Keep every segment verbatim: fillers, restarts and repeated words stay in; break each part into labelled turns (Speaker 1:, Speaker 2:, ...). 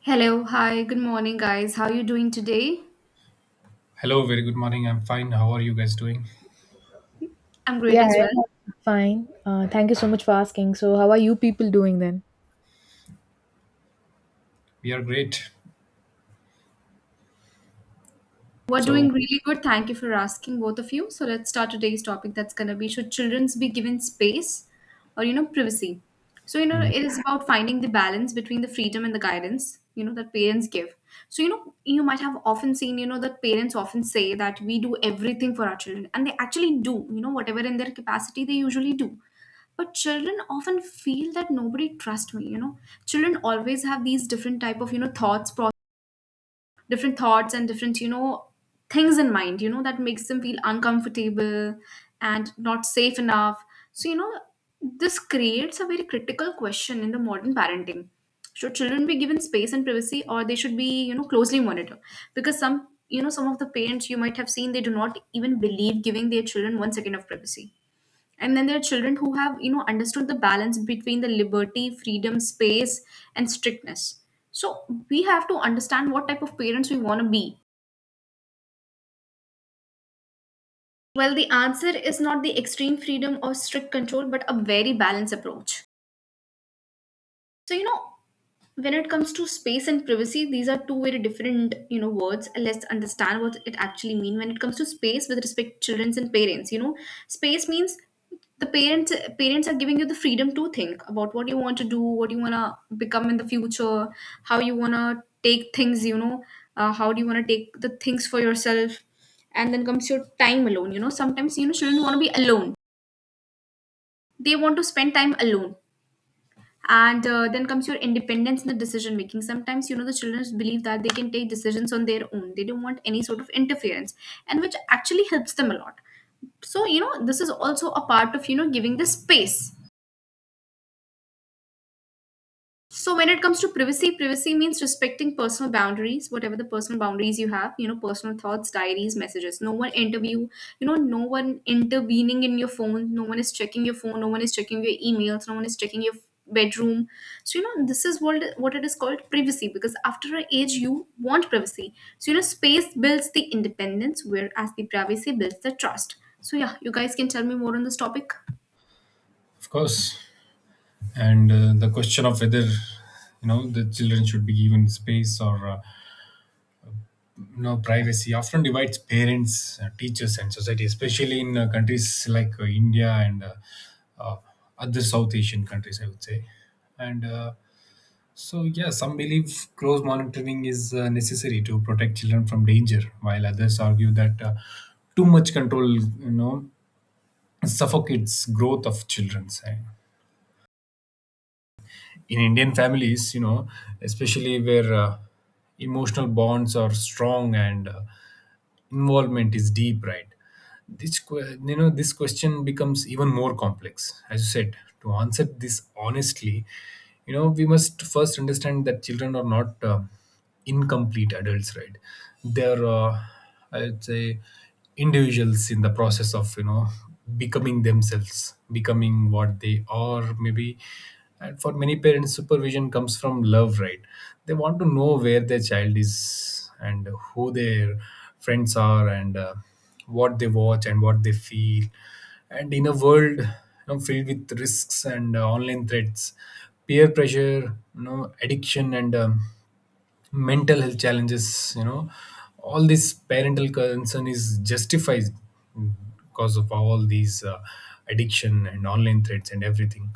Speaker 1: Hello, hi, good morning, guys. How are you doing today?
Speaker 2: Hello, very good morning. I'm fine. How are you guys doing?
Speaker 1: I'm great
Speaker 3: Yeah,
Speaker 1: as well.
Speaker 3: I'm fine. Uh, thank you so much for asking. So, how are you people doing then?
Speaker 2: We are great.
Speaker 1: We're doing
Speaker 2: So,
Speaker 1: really good. Thank you for asking, both of you. So let's start today's topic. That's gonna be should childrens be given space or you know privacy? So you know
Speaker 2: Mm.
Speaker 1: it is about finding the balance between the freedom and the guidance you know that parents give. So you know you might have often seen you know that parents often say that we do everything for our children, and they actually do. You know whatever in their capacity they usually do. But children often feel that nobody trusts me. You know children always have these different type of you know thoughts, different thoughts, and different you know things in mind you know that makes them feel uncomfortable and not safe enough. So you know this creates a very critical question in the modern parenting. Should children be given space and privacy, or they should be you know closely monitored? Because some you know some of the parents you might have seen, they do not even believe giving their children one second of privacy. And then there are children who have you know understood the balance between the liberty, freedom, space, and strictness. So we have to understand what type of parents we want to be. Well, the answer is not the extreme freedom or strict control, but a very balanced approach. So you know when it comes to space and privacy, these are two very different you know words. Let's understand what it actually mean when it comes to space with respect to children and parents you know Space means the parents parents are giving you the freedom to think about what you want to do, what you want to become in the future, how you want to take things you know uh, how do you want to take the things for yourself. And then comes your time alone. You know sometimes you know children want to be alone, they want to spend time alone. And uh, then comes your independence in the decision making. Sometimes you know the children believe that they can take decisions on their own, they don't want any sort of interference. And which actually helps them a lot. So you know this is also a part of you know giving the space. So when it comes to privacy, privacy means respecting personal boundaries, whatever the personal boundaries you have, you know, personal thoughts, diaries, messages. No one interview, you know, no one intervening in your phone, no one is checking your phone, no one is checking your emails, no one is checking your bedroom. So you know, this is what what it is called privacy, because after an age you want privacy. So you know, space builds the independence, whereas the privacy builds the trust. So yeah, you guys can tell me more on this topic.
Speaker 2: of course, and uh, the question of whether you know the children should be given space or uh, you know privacy often divides parents, uh, teachers, and society, especially in uh, countries like uh, India and uh, uh, other South Asian countries, I would say. And uh, so, yeah, some believe close monitoring is uh, necessary to protect children from danger, while others argue that uh, too much control, you know, suffocates growth of children. And in Indian families, you know, especially where uh, emotional bonds are strong and uh, involvement is deep, right? this que- you know this question becomes even more complex. As you said, to answer this honestly, you know, we must first understand that children are not uh, incomplete adults, right? They're uh, i'd say individuals in the process of, you know, becoming themselves, becoming what they are, maybe. And for many parents, supervision comes from love, right? They want to know where their child is and who their friends are and uh, what they watch and what they feel. And in a world, you know, filled with risks and uh, online threats, peer pressure, you know, addiction, and um, mental health challenges, you know, all this parental concern is justified because of all these uh, addiction and online threats and everything.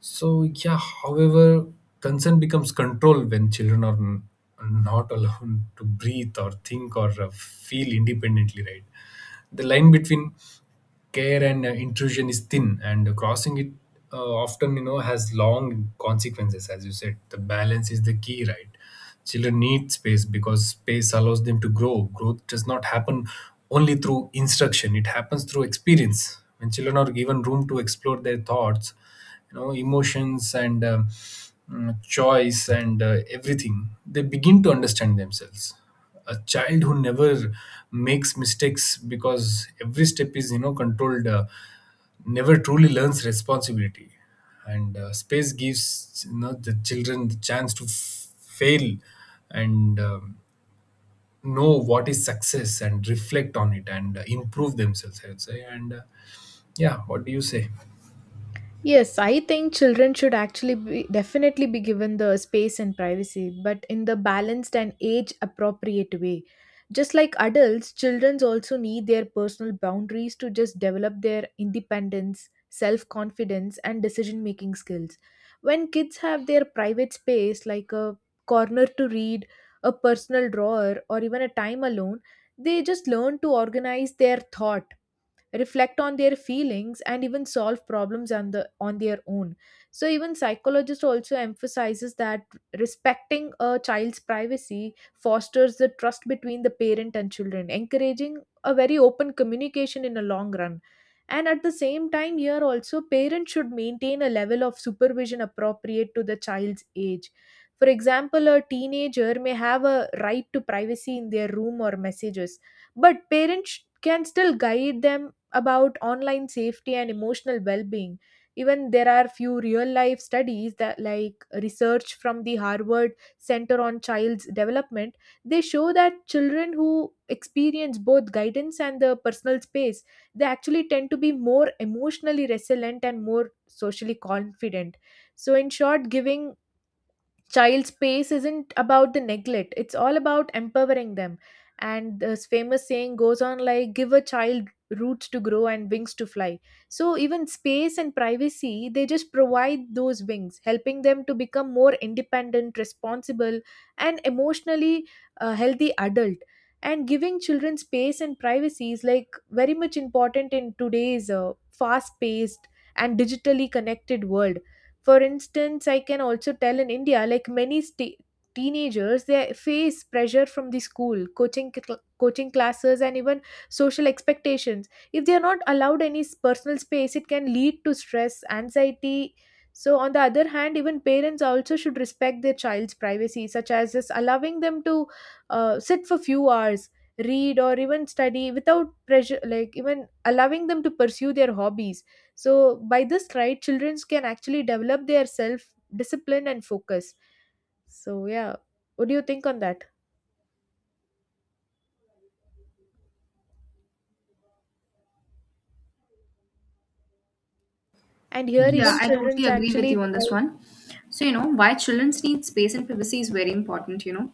Speaker 2: So yeah, however, consent becomes control when children are n- not allowed to breathe or think or uh, feel independently, right? The line between care and uh, intrusion is thin, and crossing it uh, often, you know, has long consequences. As you said, the balance is the key, right? Children need space because space allows them to grow. Growth does not happen only through instruction; it happens through experience. When children are given room to explore their thoughts, you know, emotions and uh, mm, choice and uh, everything, they begin to understand themselves. A child who never makes mistakes because every step is, you know, controlled uh, never truly learns responsibility. And uh, space gives, you know, the children the chance to f- fail and um, know what is success and reflect on it and uh, improve themselves, I would say. And uh, yeah, what do you say?
Speaker 3: Yes, I think children should actually be definitely be given the space and privacy, but in the balanced and age appropriate way. Just like adults, children also need their personal boundaries to just develop their independence, self confidence, and decision making skills. When kids have their private space, like a corner to read, a personal drawer, or even a time alone, they just learn to organize their thoughts, reflect on their feelings, and even solve problems on the on their own. So even psychologist also emphasizes that respecting a child's privacy fosters the trust between the parent and children, encouraging a very open communication in a long run. And at the same time, here also parents should maintain a level of supervision appropriate to the child's age. For example, a teenager may have a right to privacy in their room or messages, but parents can still guide them about online safety and emotional well-being. Even there are few real life studies that, like, research from the Harvard Center on Child's Development, they show that children who experience both guidance and the personal space, they actually tend to be more emotionally resilient and more socially confident. So in short, giving child space isn't about the neglect, it's all about empowering them. And this famous saying goes on like, give a child roots to grow and wings to fly. So even space and privacy, they just provide those wings, helping them to become more independent, responsible, and emotionally, uh, healthy adult. And giving children space and privacy is like very much important in today's uh, fast paced and digitally connected world. For instance, I can also tell in India, like many st- teenagers, they face pressure from the school, coaching, cl- coaching classes, and even social expectations. If they are not allowed any s- personal space, it can lead to stress, anxiety. So, on the other hand, even parents also should respect their child's privacy, such as just allowing them to uh, sit for few hours, read or even study without pressure, like even allowing them to pursue their hobbies. So, by this, right, children can actually develop their self discipline and focus. So, yeah, what do you think on that? And here,
Speaker 1: Yeah,
Speaker 3: even
Speaker 2: Yes.
Speaker 1: I totally
Speaker 3: children's
Speaker 1: agree with
Speaker 3: actually.
Speaker 1: you on this
Speaker 3: try-
Speaker 1: one. So, you know, why children's need space and privacy is very important, you know.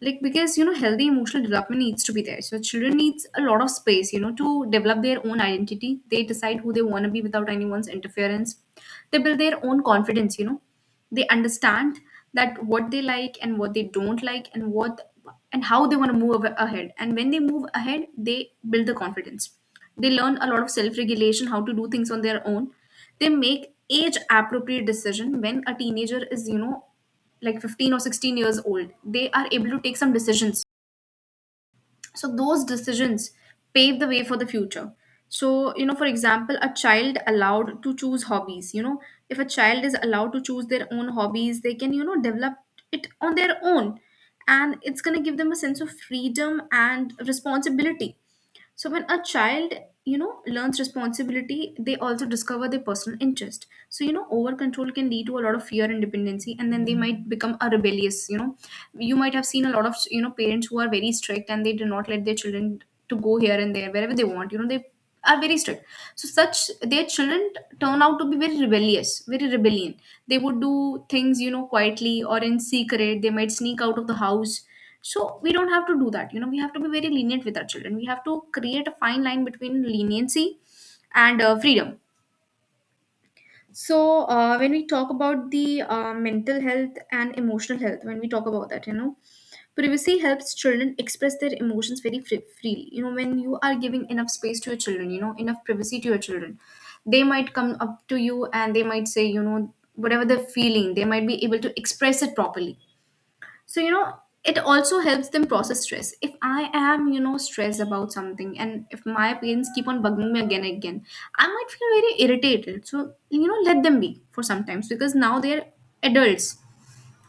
Speaker 1: Like because, you know, healthy emotional development needs to be there. So children needs a lot of space, you know, to develop their own identity. They decide who they want to be without anyone's interference. They build their own confidence, you know They understand that what they like and what they don't like, and what and how they want to move ahead, and when they move ahead they build the confidence. They learn a lot of self regulation, how to do things on their own. They make age appropriate decision when a teenager is you know like fifteen or sixteen years old, they are able to take some decisions. So those decisions pave the way for the future. So you know for example, a child allowed to choose hobbies you know if a child is allowed to choose their own hobbies, they can you know develop it on their own. And it's going to give them a sense of freedom and responsibility. So when a child, you know, learns responsibility, they also discover their personal interest. So you know, over control can lead to a lot of fear and dependency, and then they might become a rebellious. You know, you might have seen a lot of you know parents who are very strict, and they do not let their children to go here and there wherever they want. You know, they are very strict. So such their children turn out to be very rebellious, very rebellion. They would do things you know quietly or in secret. They might sneak out of the house. So we don't have to do that. You know, we have to be very lenient with our children. We have to create a fine line between leniency and uh, freedom. So uh, when we talk about the uh, mental health and emotional health, when we talk about that, you know, privacy helps children express their emotions very free- freely. You know, when you are giving enough space to your children, you know, enough privacy to your children, they might come up to you and they might say, you know, whatever they're feeling, they might be able to express it properly. So you know it also helps them process stress. If I am you know stressed about something, and if my parents keep on bugging me again and again, I might feel very irritated. So you know let them be for sometimes because now they're adults.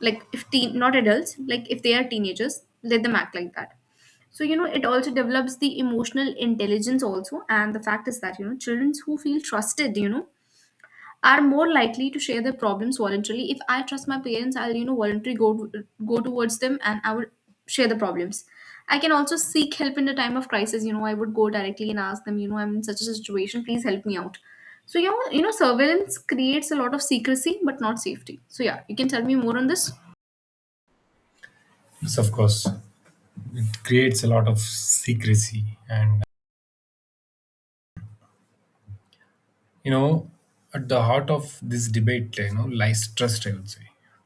Speaker 1: Like if teen not adults, like if they are teenagers, let them act like that. So you know it also develops the emotional intelligence also. And the fact is that you know children who feel trusted you know are more likely to share their problems voluntarily. If I trust my parents, I'll you know voluntarily go to, go towards them, and I would share the problems. I can also seek help in a time of crisis. You know, I would go directly and ask them. You know, I'm in such a situation. Please help me out. So you know, you know, surveillance creates a lot of secrecy, but not safety. So yeah, you can tell me more on this.
Speaker 2: Yes, of course, it creates a lot of secrecy. And you know, at the heart of this debate, you know, lies trust, I would say.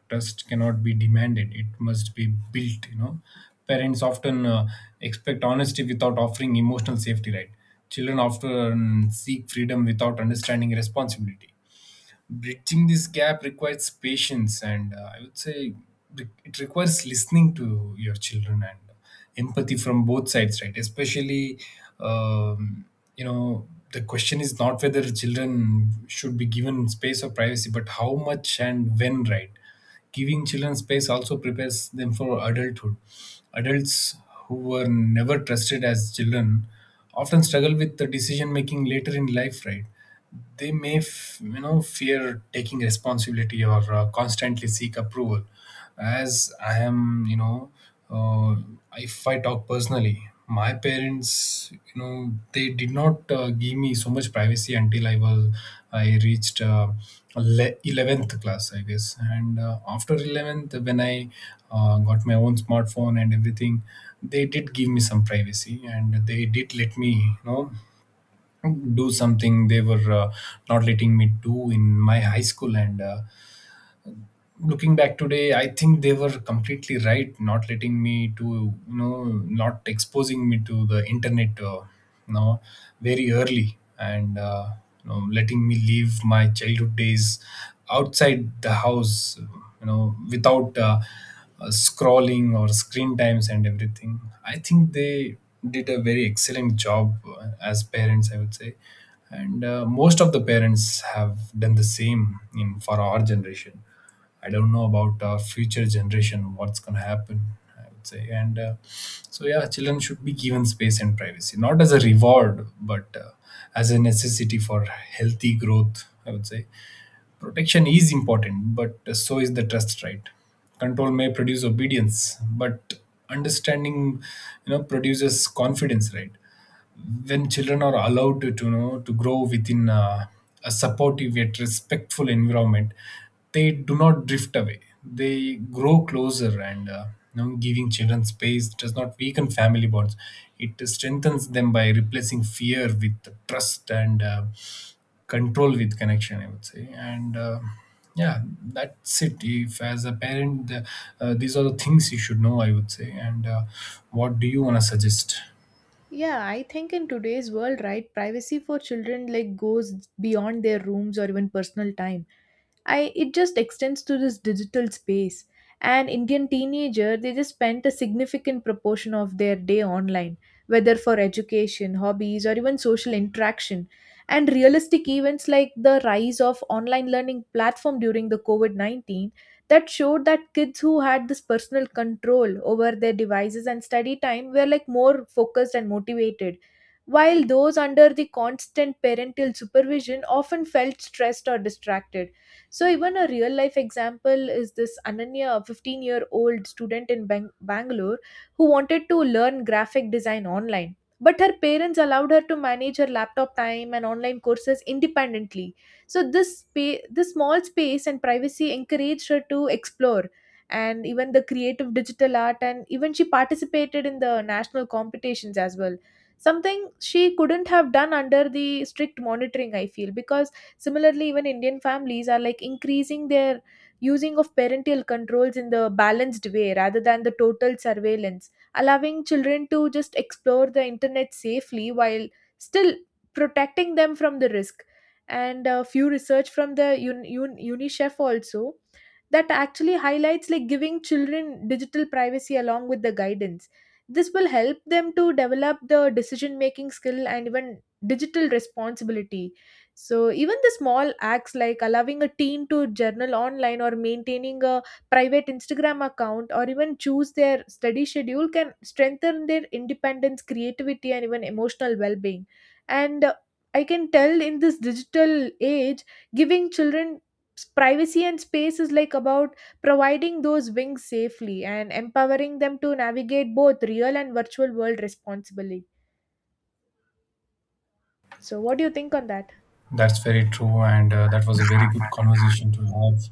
Speaker 2: Trust cannot be demanded, it must be built, you know. Parents often uh, expect honesty without offering emotional safety, right? Children often seek freedom without understanding responsibility. Bridging this gap requires patience and uh, I would say, re- it requires listening to your children and empathy from both sides, right? Especially um, you know, the question is not whether children should be given space or privacy, but how much and when, right? Giving children space also prepares them for adulthood. Adults who were never trusted as children often struggle with the decision making later in life, right? They may f- you know, fear taking responsibility or uh, constantly seek approval. As I am, you know, uh, if I talk personally, my parents, you know, they did not uh, give me so much privacy until I was, I reached uh, ele- eleventh class I guess. And uh, after eleventh, when I uh, got my own smartphone and everything, they did give me some privacy and they did let me, you know, do something they were uh, not letting me do in my high school. And uh, looking back today, I think they were completely right not letting me to, you know, not exposing me to the internet uh, you know, very early and uh, you know, letting me live my childhood days outside the house, you know, without uh, uh, scrolling or screen times and everything. I think they did a very excellent job uh, as parents, I would say. And uh, most of the parents have done the same in for our generation. I don't know about uh, future generation what's gonna happen. I would say, and uh, so yeah, children should be given space and privacy, not as a reward, but uh, as a necessity for healthy growth, I would say. Protection is important, but so is the trust, right? Control may produce obedience, but understanding, you know, produces confidence, right? When children are allowed to, to you know, to grow within uh, a supportive yet respectful environment, they do not drift away, they grow closer. And uh, you know, giving children space does not weaken family bonds, it strengthens them by replacing fear with trust and uh, control with connection, I would say. And uh, yeah, that's it. If as a parent, the, uh, these are the things you should know, I would say. And uh, what do you want to suggest?
Speaker 3: Yeah, I think in today's world, right, privacy for children like goes beyond their rooms or even personal time. I It just extends to this digital space. An Indian teenager, they just spent a significant proportion of their day online, whether for education, hobbies, or even social interaction. And realistic events like the rise of online learning platform during the COVID nineteen, that showed that kids who had this personal control over their devices and study time were like more focused and motivated, while those under the constant parental supervision often felt stressed or distracted. So, even a real life example is this Ananya, fifteen year old student in Bang- Bangalore, who wanted to learn graphic design online. But her parents allowed her to manage her laptop time and online courses independently. So, this, spa- this small space and privacy encouraged her to explore and even the creative digital art, and even she participated in the national competitions as well. Something she couldn't have done under the strict monitoring, I feel, because similarly, even Indian families are like increasing their using of parental controls in the balanced way rather than the total surveillance, allowing children to just explore the internet safely while still protecting them from the risk. And a few research from the Un- Un- UNICEF also, that actually highlights like giving children digital privacy along with the guidance, this will help them to develop the decision making skill and even digital responsibility. So even the small acts like allowing a teen to journal online, or maintaining a private Instagram account, or even choose their study schedule can strengthen their independence, creativity, and even emotional well being. And uh, I can tell in this digital age, giving children s- privacy and space is like about providing those wings safely and empowering them to navigate both real and virtual world responsibly. So what do you think on that?
Speaker 2: That's very true, and uh, that was a very good conversation to have.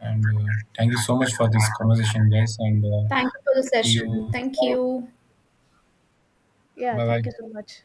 Speaker 2: And uh, thank you so much for this conversation, guys. And uh,
Speaker 1: Thank you for the
Speaker 2: see you
Speaker 1: session. Thank
Speaker 2: tomorrow.
Speaker 1: you.
Speaker 3: Yeah,
Speaker 2: Bye bye.
Speaker 3: thank you so much.